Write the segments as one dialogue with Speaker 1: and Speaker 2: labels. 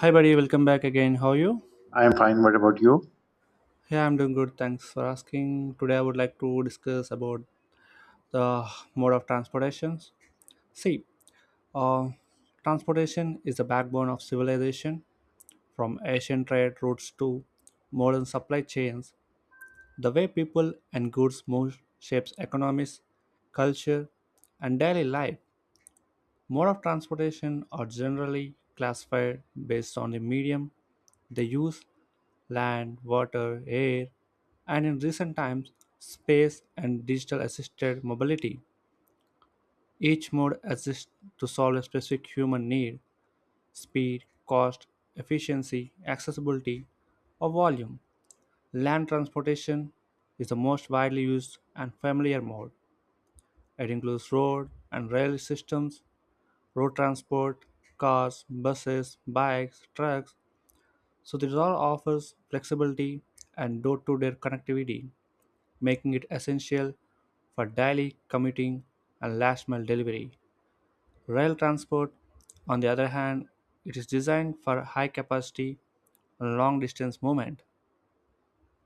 Speaker 1: Hi, buddy. Welcome back again. How are you?
Speaker 2: I am fine. What about you?
Speaker 1: Yeah, I'm doing good. Thanks for asking. Today, I would like to discuss about the mode of transportations. See, uh, transportation is the backbone of civilization. From ancient trade routes to modern supply chains, the way people and goods move shapes economies, culture, and daily life. Mode of transportation are generally classified based on the medium they use land, water, air, and in recent times, space and digital assisted mobility. Each mode exists to solve a specific human need speed, cost, efficiency, accessibility, or volume. Land transportation is the most widely used and familiar mode. It includes road and rail systems, road transport, cars, buses, bikes, trucks. So this all offers flexibility and door-to-door connectivity, making it essential for daily commuting and last mile delivery. Rail transport, on the other hand, it is designed for high capacity and long distance movement.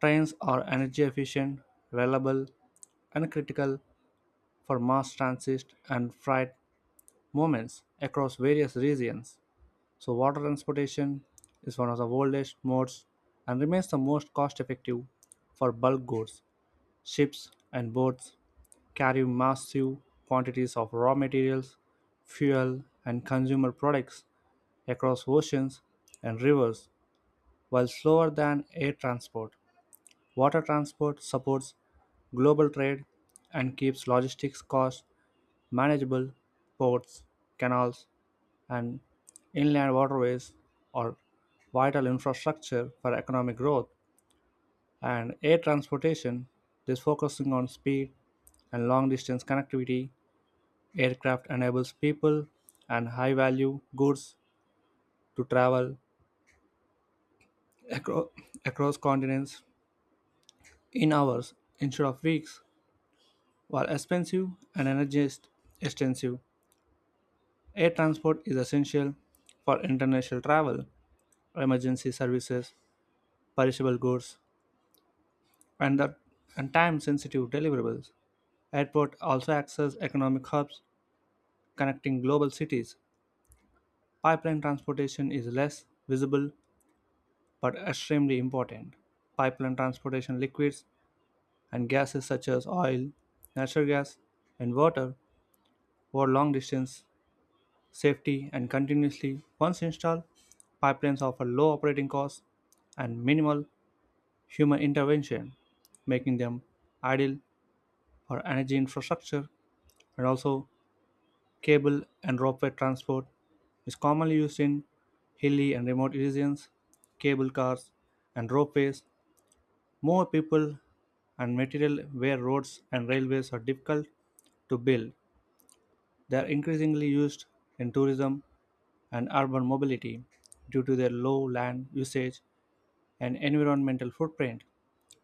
Speaker 1: Trains are energy efficient, reliable, and critical for mass transit and freight movements across various regions. So, water transportation is one of the oldest modes and remains the most cost effective for bulk goods. Ships and boats carry massive quantities of raw materials, fuel, and consumer products across oceans and rivers, while slower than air transport. Water transport supports global trade and keeps logistics costs manageable. Ports, canals, and inland waterways are vital infrastructure for economic growth and air transportation is focusing on speed and long distance connectivity aircraft enables people and high value goods to travel acro- across continents in hours instead of weeks while expensive and extensive air transport is essential for international travel emergency services perishable goods and the and time-sensitive deliverables. Airport also acts as economic hubs connecting global cities. Pipeline transportation is less visible but extremely important. Pipeline transportation liquids and gases such as oil, natural gas, and water over long distance safety and continuously. Once installed, pipelines offer low operating costs and minimal human intervention, making them ideal for energy infrastructure and also cable and ropeway transport is commonly used in hilly and remote regions. Cable cars and ropeways move people and material where roads and railways are difficult to build. They are increasingly used in tourism and urban mobility due to their low land usage and environmental footprint.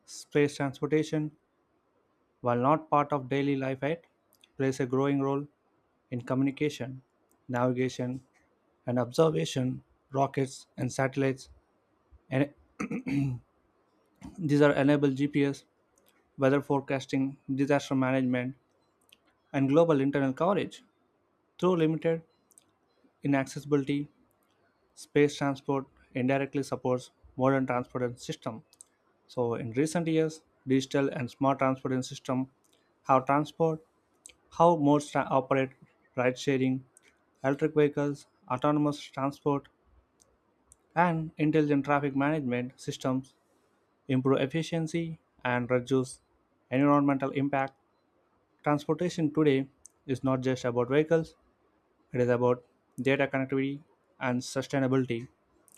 Speaker 1: Space transportation, while not part of daily life yet, plays a growing role in communication, navigation, and observation rockets and satellites and these are enable GPS weather forecasting disaster management and global internet coverage through limited inaccessibility space transport indirectly supports modern transportation system. So in recent years digital and smart transportation system how transport how modes operate ride sharing electric vehicles autonomous transport and intelligent traffic management systems improve efficiency, and reduce environmental impact. Transportation today is not just about vehicles, it is about data connectivity and sustainability.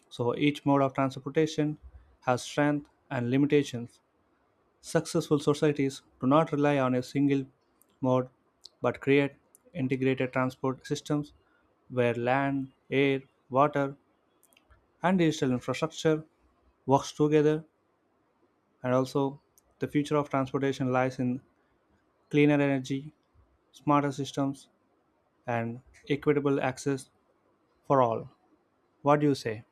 Speaker 1: So each mode of transportation has strengths and limitations. Successful societies do not rely on a single mode but create integrated transport systems where land, air, water, and digital infrastructure works together and also the future of transportation lies in cleaner energy, smarter systems, and equitable access for all. What do you say?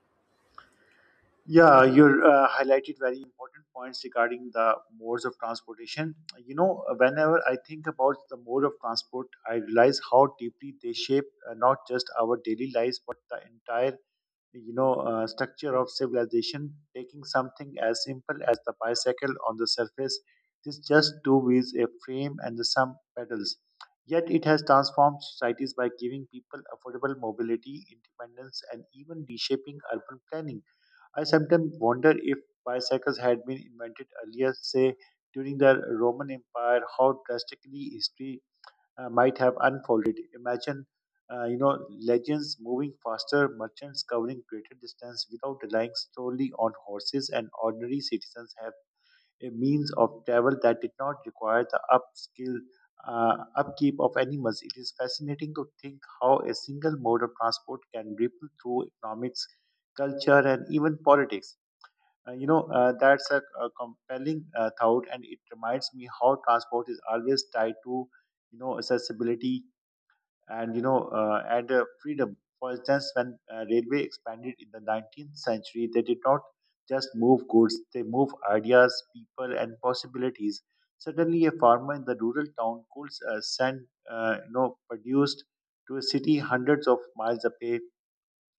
Speaker 2: Yeah, you highlighted very important points regarding the modes of transportation. You know, whenever I think about the mode of transport, I realize how deeply they shape not just our daily lives but the entire structure of civilization, taking something as simple as the bicycle. On the surface, this just two wheels, a frame, and some pedals, yet it has transformed societies by giving people affordable mobility, independence, and even reshaping urban planning. I sometimes wonder if bicycles had been invented earlier, say during the Roman Empire, how drastically history might have unfolded. Imagine, uh, you know, legends moving faster, merchants covering greater distance without relying solely on horses, and ordinary citizens have a means of travel that did not require the upskill upkeep of animals. It is fascinating to think how a single mode of transport can ripple through economics, culture, and even politics. That's a compelling thought, and it reminds me how transport is always tied to, accessibility, and you know and freedom. For instance, when railway expanded in the 19th century, they did not just move goods; they moved ideas, people, and possibilities. Suddenly, a farmer in the rural town could send produced to a city hundreds of miles away,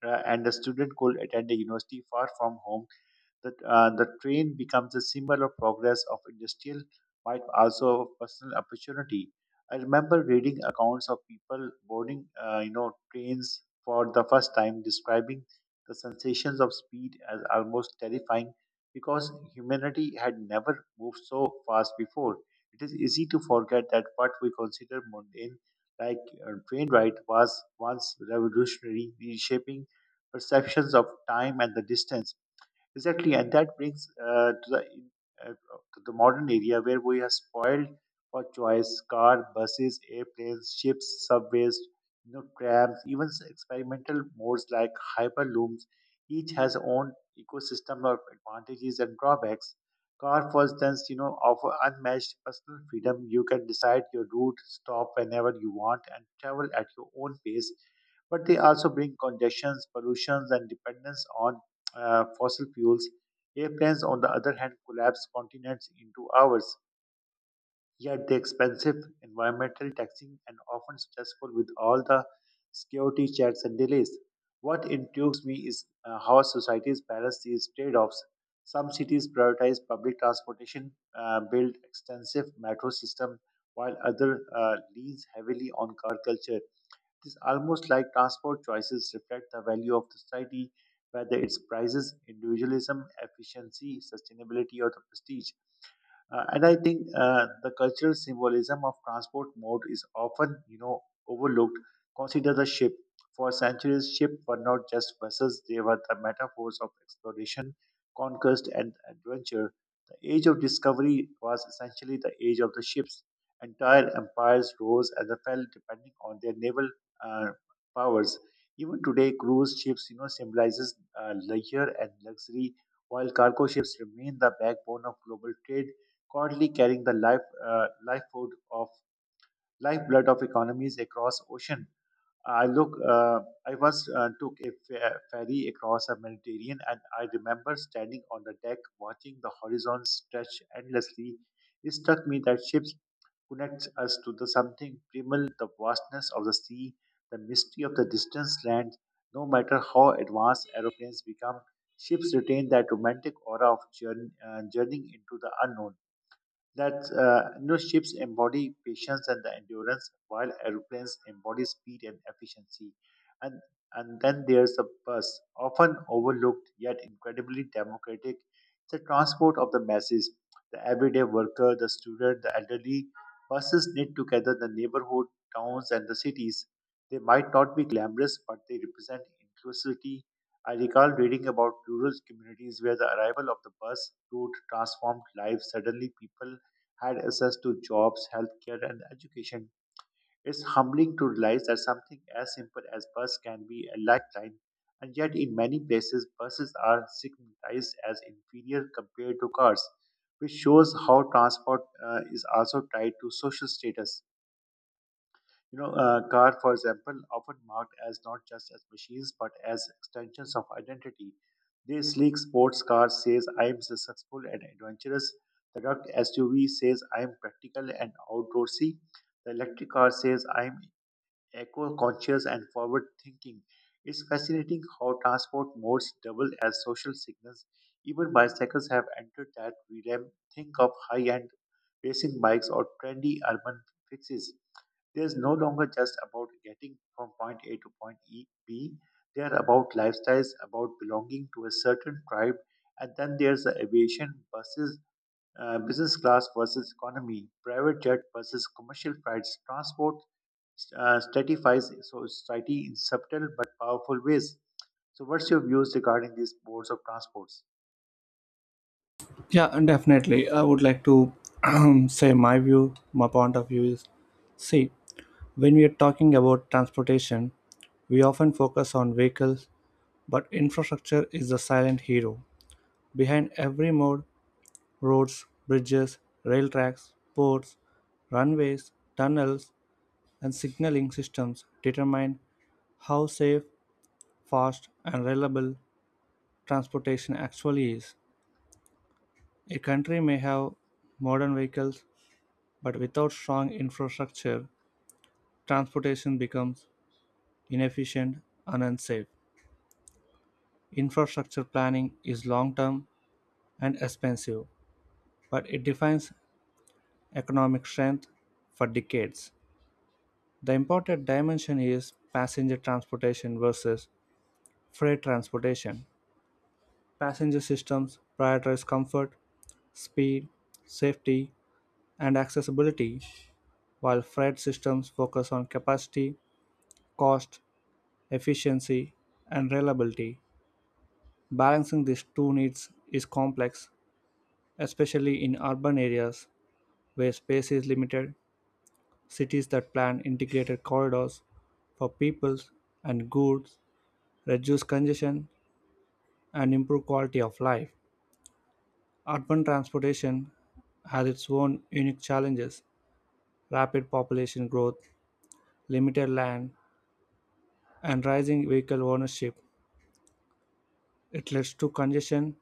Speaker 2: and a student could attend a university far from home. The train becomes a symbol of progress of industrial, might also of personal opportunity. I remember reading accounts of people boarding, trains for the first time, describing the sensations of speed as almost terrifying because humanity had never moved so fast before. It is easy to forget that what we consider mundane, like train ride, was once revolutionary, reshaping perceptions of time and the distance. Exactly, and that brings uh, to the modern area where we are spoiled for choice: car, buses, airplanes, ships, subways, trams, even experimental modes like hyperlooms. Each has own ecosystem of advantages and drawbacks. Car, for instance, offer unmatched personal freedom. You can decide your route, stop whenever you want, and travel at your own pace, but they also bring congestions, pollutions, and dependence on fossil fuels. Airplanes, on the other hand, collapse continents into hours. Yet the expensive, environmental taxing, and often stressful with all the security checks and delays. What intrigues me is how societies balance these trade-offs. Some cities prioritize public transportation, build extensive metro system, while other leans heavily on car culture. It's almost like transport choices reflect the value of the society, whether it's prices, individualism, efficiency, sustainability, or the prestige. And I think the cultural symbolism of transport mode is often, overlooked. Consider the ship. For centuries, ships were not just vessels; they were the metaphors of exploration, conquest, and adventure. The age of discovery was essentially the age of the ships. Entire empires rose and fell depending on their naval uh, powers. Even today, cruise ships, symbolizes leisure and luxury, while cargo ships remain the backbone of global trade, currently carrying the lifeblood of economies across ocean. I look. I once took a ferry across the Mediterranean, and I remember standing on the deck watching the horizon stretch endlessly. It struck me that ships connect us to the something primal, the vastness of the sea, the mystery of the distant land. No matter how advanced aeroplanes become, ships retain that romantic aura of journeying into the unknown, that ships embody patience and the endurance, while aeroplanes embody speed and efficiency. And and then there's the bus, often overlooked yet incredibly democratic. It's the transport of the masses, the everyday worker, the student, the elderly. Buses knit together the neighborhood, towns, and the cities. They might not be glamorous, but they represent inclusivity. I recall reading about rural communities where the arrival of the bus route transformed lives. Suddenly, people had access to jobs, healthcare, and education. It's humbling to realize that something as simple as bus can be a lifeline, and yet in many places, buses are stigmatized as inferior compared to cars, which shows how transport is also tied to social status. You know, car, for example, often marked as not just as machines but as extensions of identity. This sleek sports car says, "I am successful and adventurous." The rugged SUV says, "I am practical and outdoorsy." The electric car says, "I am eco-conscious and forward-thinking." It's fascinating how transport modes double as social signals. Even bicycles have entered that realm. Think of high-end racing bikes or trendy urban fixes. There's no longer just about getting from point A to point E, B. They're about lifestyles, about belonging to a certain tribe. And then there's the aviation versus business class versus economy, private jet versus commercial flights. Transport stratifies so society in subtle but powerful ways. So, what's your views regarding these modes of transports?
Speaker 1: Yeah, and definitely. I would like to say my point of view is see, when we are talking about transportation, we often focus on vehicles, but infrastructure is the silent hero. Behind every mode, roads, bridges, rail tracks, ports, runways, tunnels, and signaling systems determine how safe, fast, and reliable transportation actually is. A country may have modern vehicles, but without strong infrastructure, transportation becomes inefficient and unsafe. Infrastructure planning is long term and expensive, but it defines economic strength for decades. The important dimension is passenger transportation versus freight transportation. Passenger systems prioritize comfort, speed, safety, and accessibility, while freight systems focus on capacity, cost, efficiency, and reliability. Balancing these two needs is complex, especially in urban areas where space is limited. Cities that plan integrated corridors for people and goods reduce congestion and improve quality of life. Urban transportation has its own unique challenges rapid population growth, limited land, and rising vehicle ownership. It leads to congestion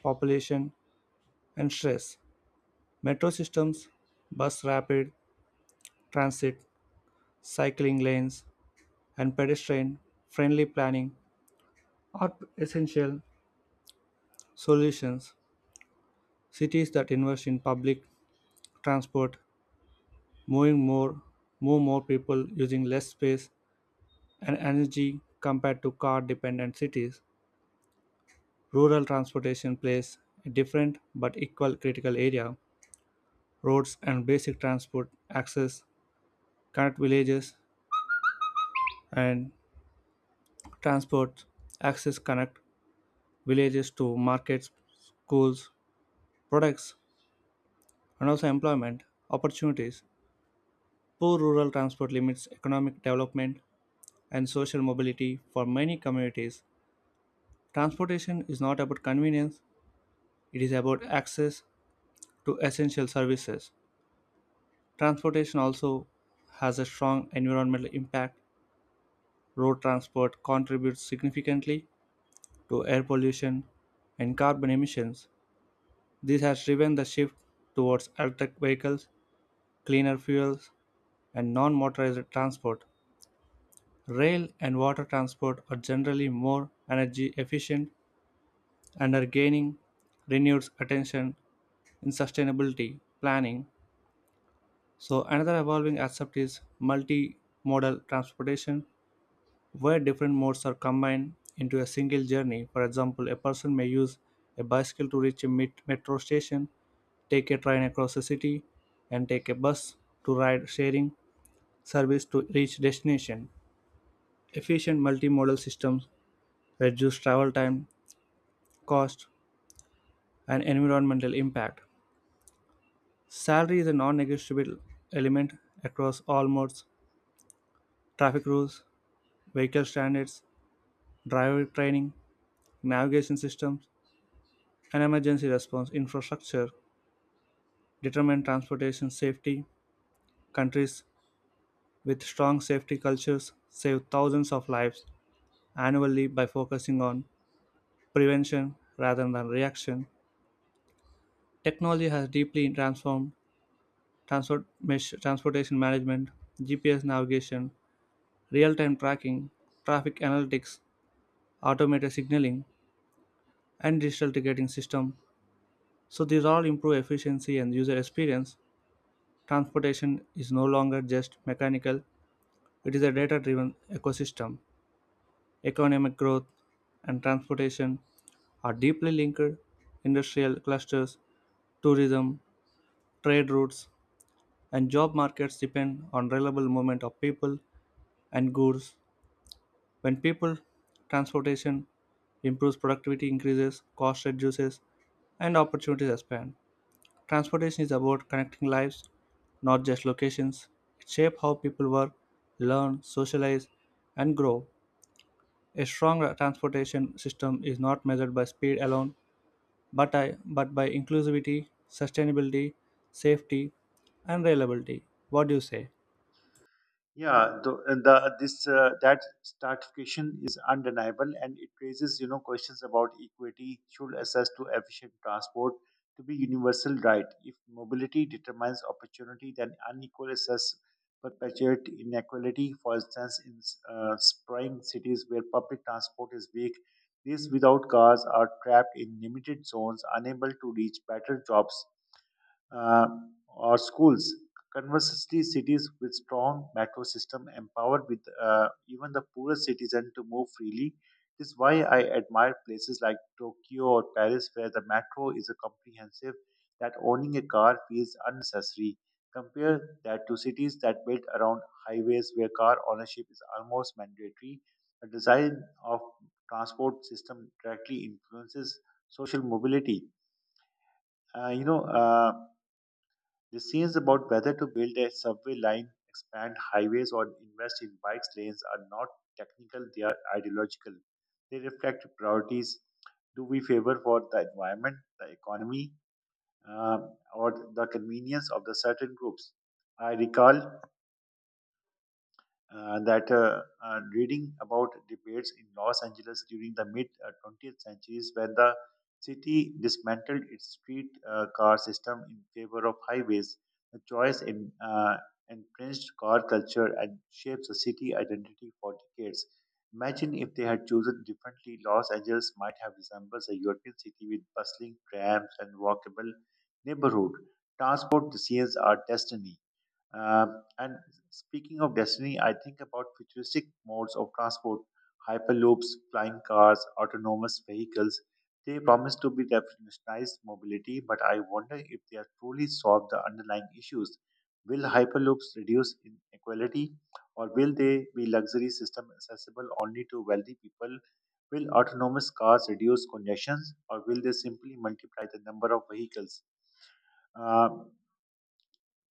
Speaker 1: population, and stress. Metro systems, bus rapid transit, cycling lanes, and pedestrian friendly planning are essential solutions. Cities that invest in public transport, moving more, move more people using less space and energy compared to car dependent cities. Rural transportation plays a different but equal critical area. Roads and basic transport access connect villages and transport access connect villages to markets schools products and also employment opportunities poor rural transport limits economic development and social mobility for many communities. Transportation is not about convenience, it is about access to essential services. Transportation also has a strong environmental impact road transport contributes significantly to air pollution and carbon emissions. This has driven the shift towards electric vehicles, cleaner fuels, and non motorized transport. Rail and water transport are generally more energy efficient and are gaining renewed attention in sustainability planning. So, another evolving aspect is multimodal transportation, where different modes are combined into a single journey. For example, a person may use a bicycle to reach a metro station take a train across the city, and take a bus to ride sharing service to reach destination. Efficient multimodal systems reduce travel time, cost, and environmental impact. Salary is a non negotiable element across all modes traffic rules, vehicle standards, driver training, navigation systems, and emergency response infrastructure determine transportation safety. Countries with strong safety cultures save thousands of lives annually by focusing on prevention rather than reaction. Technology has deeply transformed transportation management, GPS navigation, real time tracking, traffic analytics, automated signaling, and digital ticketing system. So these all improve efficiency and user experience. Transportation is no longer just mechanical, it is a data driven ecosystem. Economic growth and transportation are deeply linked. Industrial clusters, tourism, trade routes, and job markets depend on reliable movement of people and goods. When people transportation improves, productivity increases, cost reduces, and opportunities expand. Transportation is about connecting lives, not just locations. It shapes how people work, learn, socialize, and grow. A strong transportation system is not measured by speed alone, but, but by inclusivity, sustainability, safety, and reliability. What do you say?
Speaker 2: Yeah, the this that stratification is undeniable, and it raises questions about equity. Should access to efficient transport to be universal, right? If mobility determines opportunity, then unequal access perpetuate inequality. For instance, in sprawling cities where public transport is weak, these without cars are trapped in limited zones, unable to reach better jobs uh, or schools. Conversely, cities with strong metro system empowered with even the poorest citizen to move freely. This is why I admire places like Tokyo or Paris, where the metro is a comprehensive that owning a car feels unnecessary. Compare that to cities that built around highways where car ownership is almost mandatory. The design of transport system directly influences social mobility. Uh, you know, uh, the scenes about whether to build a subway line, expand highways, or invest in bike lanes are not technical, they are ideological. They reflect priorities. Do we favor for the environment, the economy, or the convenience of the certain groups? I recall that reading about debates in Los Angeles during the mid 20th centuries when the city dismantled its street car system in favor of highways. The choice entrenched car culture and shapes the city identity for decades. Imagine if they had chosen differently, Los Angeles might have resembled a European city with bustling trams and walkable neighborhood. Transport decisions are destiny. And speaking of destiny, I think about futuristic modes of transport, hyperloops, flying cars, autonomous vehicles. They promise to be revolutionize mobility, but I wonder if they are truly solve the underlying issues. Will hyperloops reduce inequality, or will they be luxury system accessible only to wealthy people? Will autonomous cars reduce congestions, or will they simply multiply the number of vehicles? Um,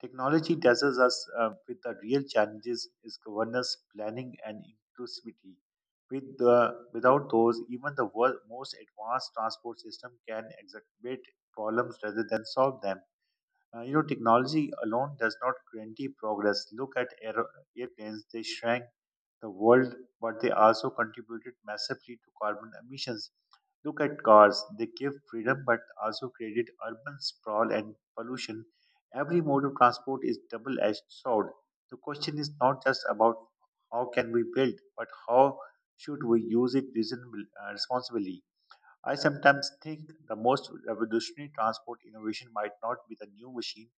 Speaker 2: Technology dazzles us with the real challenges is governance, planning, and inclusivity. With without those, even the world's most advanced transport system can exacerbate problems rather than solve them. Technology alone does not guarantee progress. Look at airplanes, they shrank the world, but they also contributed massively to carbon emissions. Look at cars, they give freedom but also created urban sprawl and pollution. Every mode of transport is double edged sword. The question is not just about how can we build, but how should we use it responsibly. I sometimes think the most revolutionary transport innovation might not be the new machine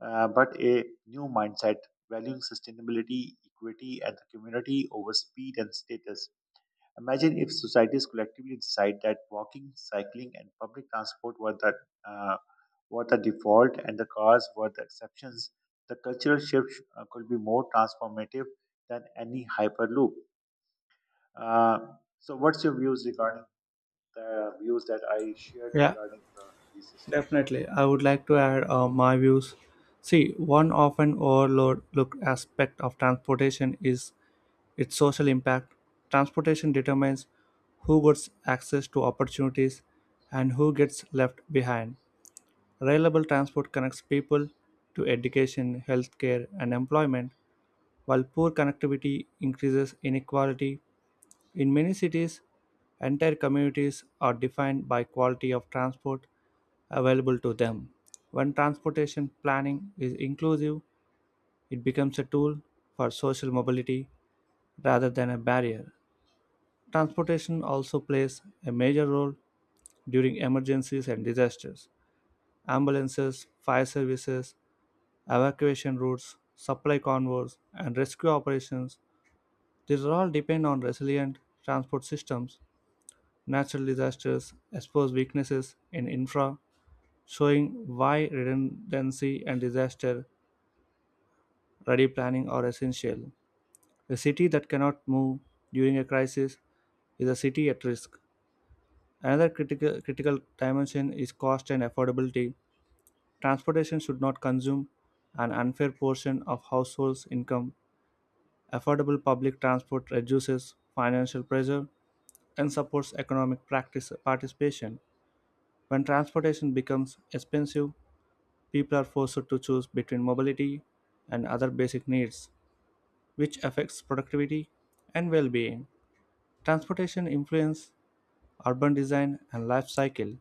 Speaker 2: uh, but a new mindset, valuing sustainability, equity, and the community over speed and status. Imagine if societies collectively decide that walking, cycling, and public transport uh, were the default and the cars were the exceptions. The cultural shift could be more transformative than any hyperloop. Uh, so, what's your views regarding the views that I shared
Speaker 1: Yeah,
Speaker 2: regarding the system?
Speaker 1: definitely. I would like to add my views. See, one often overlooked aspect of transportation is its social impact. Transportation determines who gets access to opportunities and who gets left behind. Reliable transport connects people to education, healthcare, and employment, while poor connectivity increases inequality. In many cities, entire communities are defined by quality of transport available to them. When transportation planning is inclusive, it becomes a tool for social mobility rather than a barrier. Transportation also plays a major role during emergencies and disasters. Ambulances, fire services, evacuation routes, supply convoys, and rescue operations, these all depend on resilient transport systems. Natural disasters expose weaknesses in infra, showing why redundancy and disaster ready planning are essential. A city that cannot move during a crisis is a city at risk. Another critical dimension is cost and affordability. Transportation should not consume an unfair portion of households' income. Affordable public transport reduces financial pressure and supports economic practice participation. When transportation becomes expensive, people are forced to choose between mobility and other basic needs, which affects productivity and well being. Transportation influence urban design and life cycle.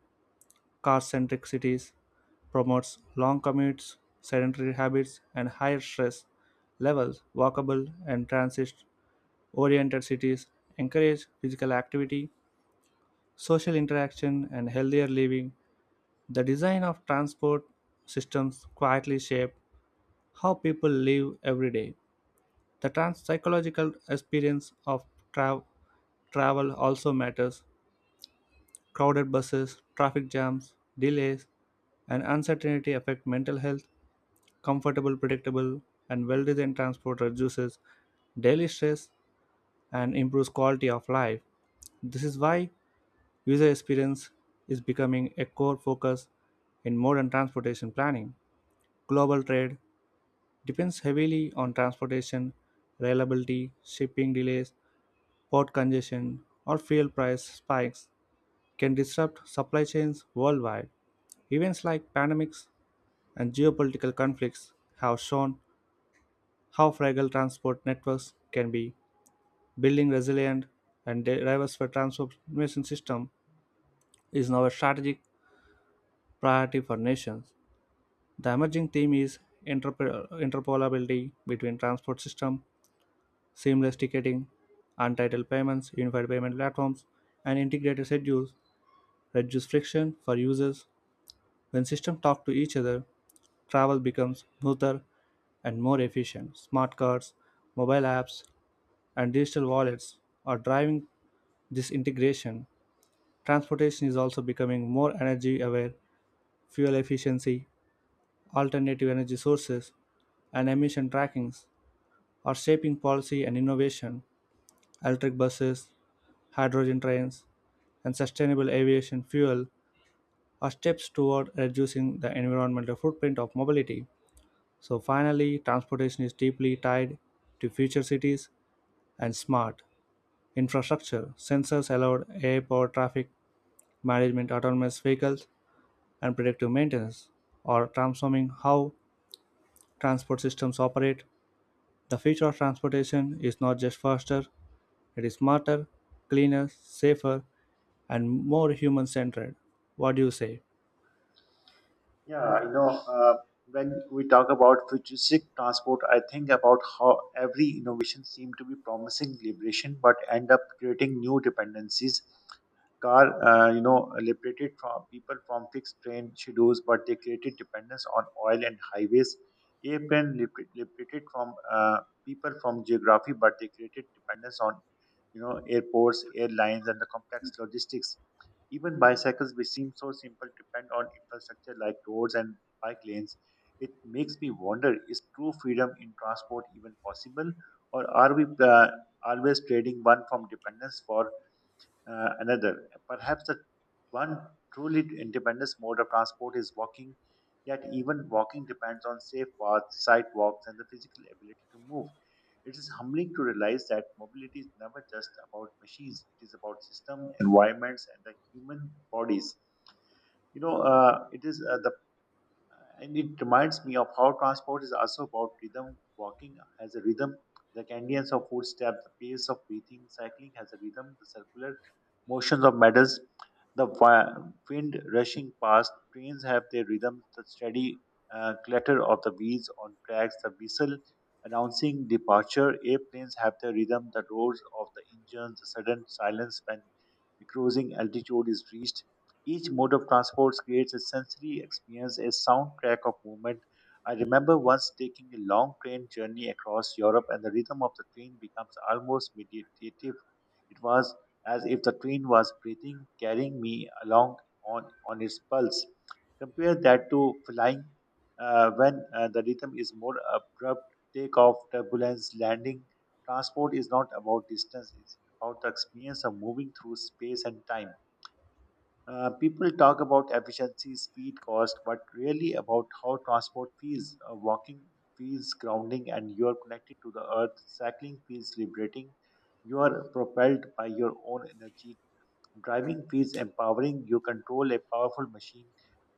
Speaker 1: Car-centric cities promotes long commutes, sedentary habits, and higher stress levels. Walkable and transit-oriented cities encourage physical activity, social interaction, and healthier living. The design of transport systems quietly shape how people live every day. The trans psychological experience of tra- travel also matters. Crowded buses, traffic jams, delays, and uncertainty affect mental health. Comfortable, predictable, and well designed transport reduces daily stress and improves quality of life. This is why user experience is becoming a core focus in modern transportation planning. Global trade depends heavily on transportation, reliability, shipping delays, port congestion, or fuel price spikes can disrupt supply chains worldwide. Events like pandemics and geopolitical conflicts have shown how fragile transport networks can be. Building resilient and diverse transportation system is now a strategic priority for nations. The emerging theme is interoperability between transport system, seamless ticketing, untitled payments, unified payment platforms, and integrated schedules reduce friction for users when systems talk to each other travel becomes smoother and more efficient. Smart cards, mobile apps, and digital wallets are driving this integration. Transportation is also becoming more energy aware. Fuel efficiency, alternative energy sources, and emission trackings are shaping policy and innovation. Electric buses, hydrogen trains, and sustainable aviation fuel are steps toward reducing the environmental footprint of mobility. So finally, transportation is deeply tied to future cities and smart infrastructure. Sensors allowed airport traffic management, autonomous vehicles, and predictive maintenance are transforming how transport systems operate. The future of transportation is not just faster, it is smarter, cleaner, safer, and more human-centered. What do you say?
Speaker 2: Yeah, when we talk about futuristic transport, I think about how every innovation seemed to be promising liberation, but end up creating new dependencies. Car, liberated from people from fixed train schedules, but they created dependence on oil and highways. Airplane liberated from people from geography, but they created dependence on, airports, airlines, and the complex logistics. Even bicycles, which seem so simple, depend on infrastructure like roads and bike lanes. It makes me wonder, is true freedom in transport even possible, or are we always trading one from dependence for another. Perhaps the one truly independent mode of transport is walking, yet even walking depends on safe paths, sidewalks, and the physical ability to move. It is humbling to realize that mobility is never just about machines. It is about system, environments, and the human bodies. You know, it is the and it reminds me of how transport is also about rhythm. Walking has a rhythm, the cadence of footsteps, the pace of breathing. Cycling has a rhythm, the circular motions of medals, the wind rushing past. Trains have their rhythm, the steady clatter of the wheels on tracks, the whistle announcing departure. Airplanes have their rhythm, the roars of the engines, the sudden silence when cruising altitude is reached. Each mode of transport creates a sensory experience, a soundtrack of movement. I remember once taking a long train journey across Europe, and the rhythm of the train becomes almost meditative. It was as if the train was breathing, carrying me along on its pulse. Compare that to flying, when the rhythm is more abrupt, takeoff, turbulence, landing. Transport is not about distance, it's about the experience of moving through space and time. People talk about efficiency, speed, cost, but really about how transport feels. Walking feels grounding and you are connected to the earth. Cycling feels liberating. You are propelled by your own energy. Driving feels empowering. You control a powerful machine.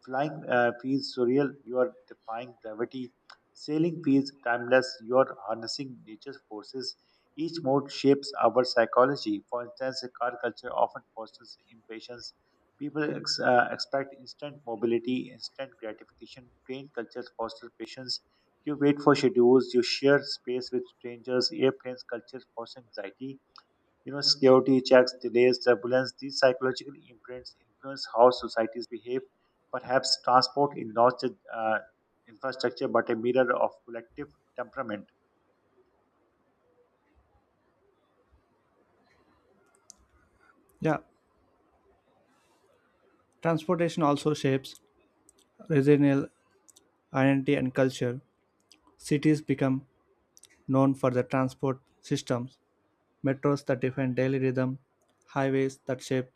Speaker 2: Flying feels surreal. You are defying gravity. Sailing feels timeless. You are harnessing nature's forces. Each mode shapes our psychology. For instance, a car culture often fosters impatience. People expect instant mobility, instant gratification. Train cultures foster patience. You wait for schedules. You share space with strangers. Airplanes culture foster anxiety. Security checks, delays, turbulence, these psychological imprints influence how societies behave. Perhaps transport is not just infrastructure but a mirror of collective temperament.
Speaker 1: Yeah, transportation also shapes regional identity and culture. Cities become known for their transport systems metros that define daily rhythm, highways that shape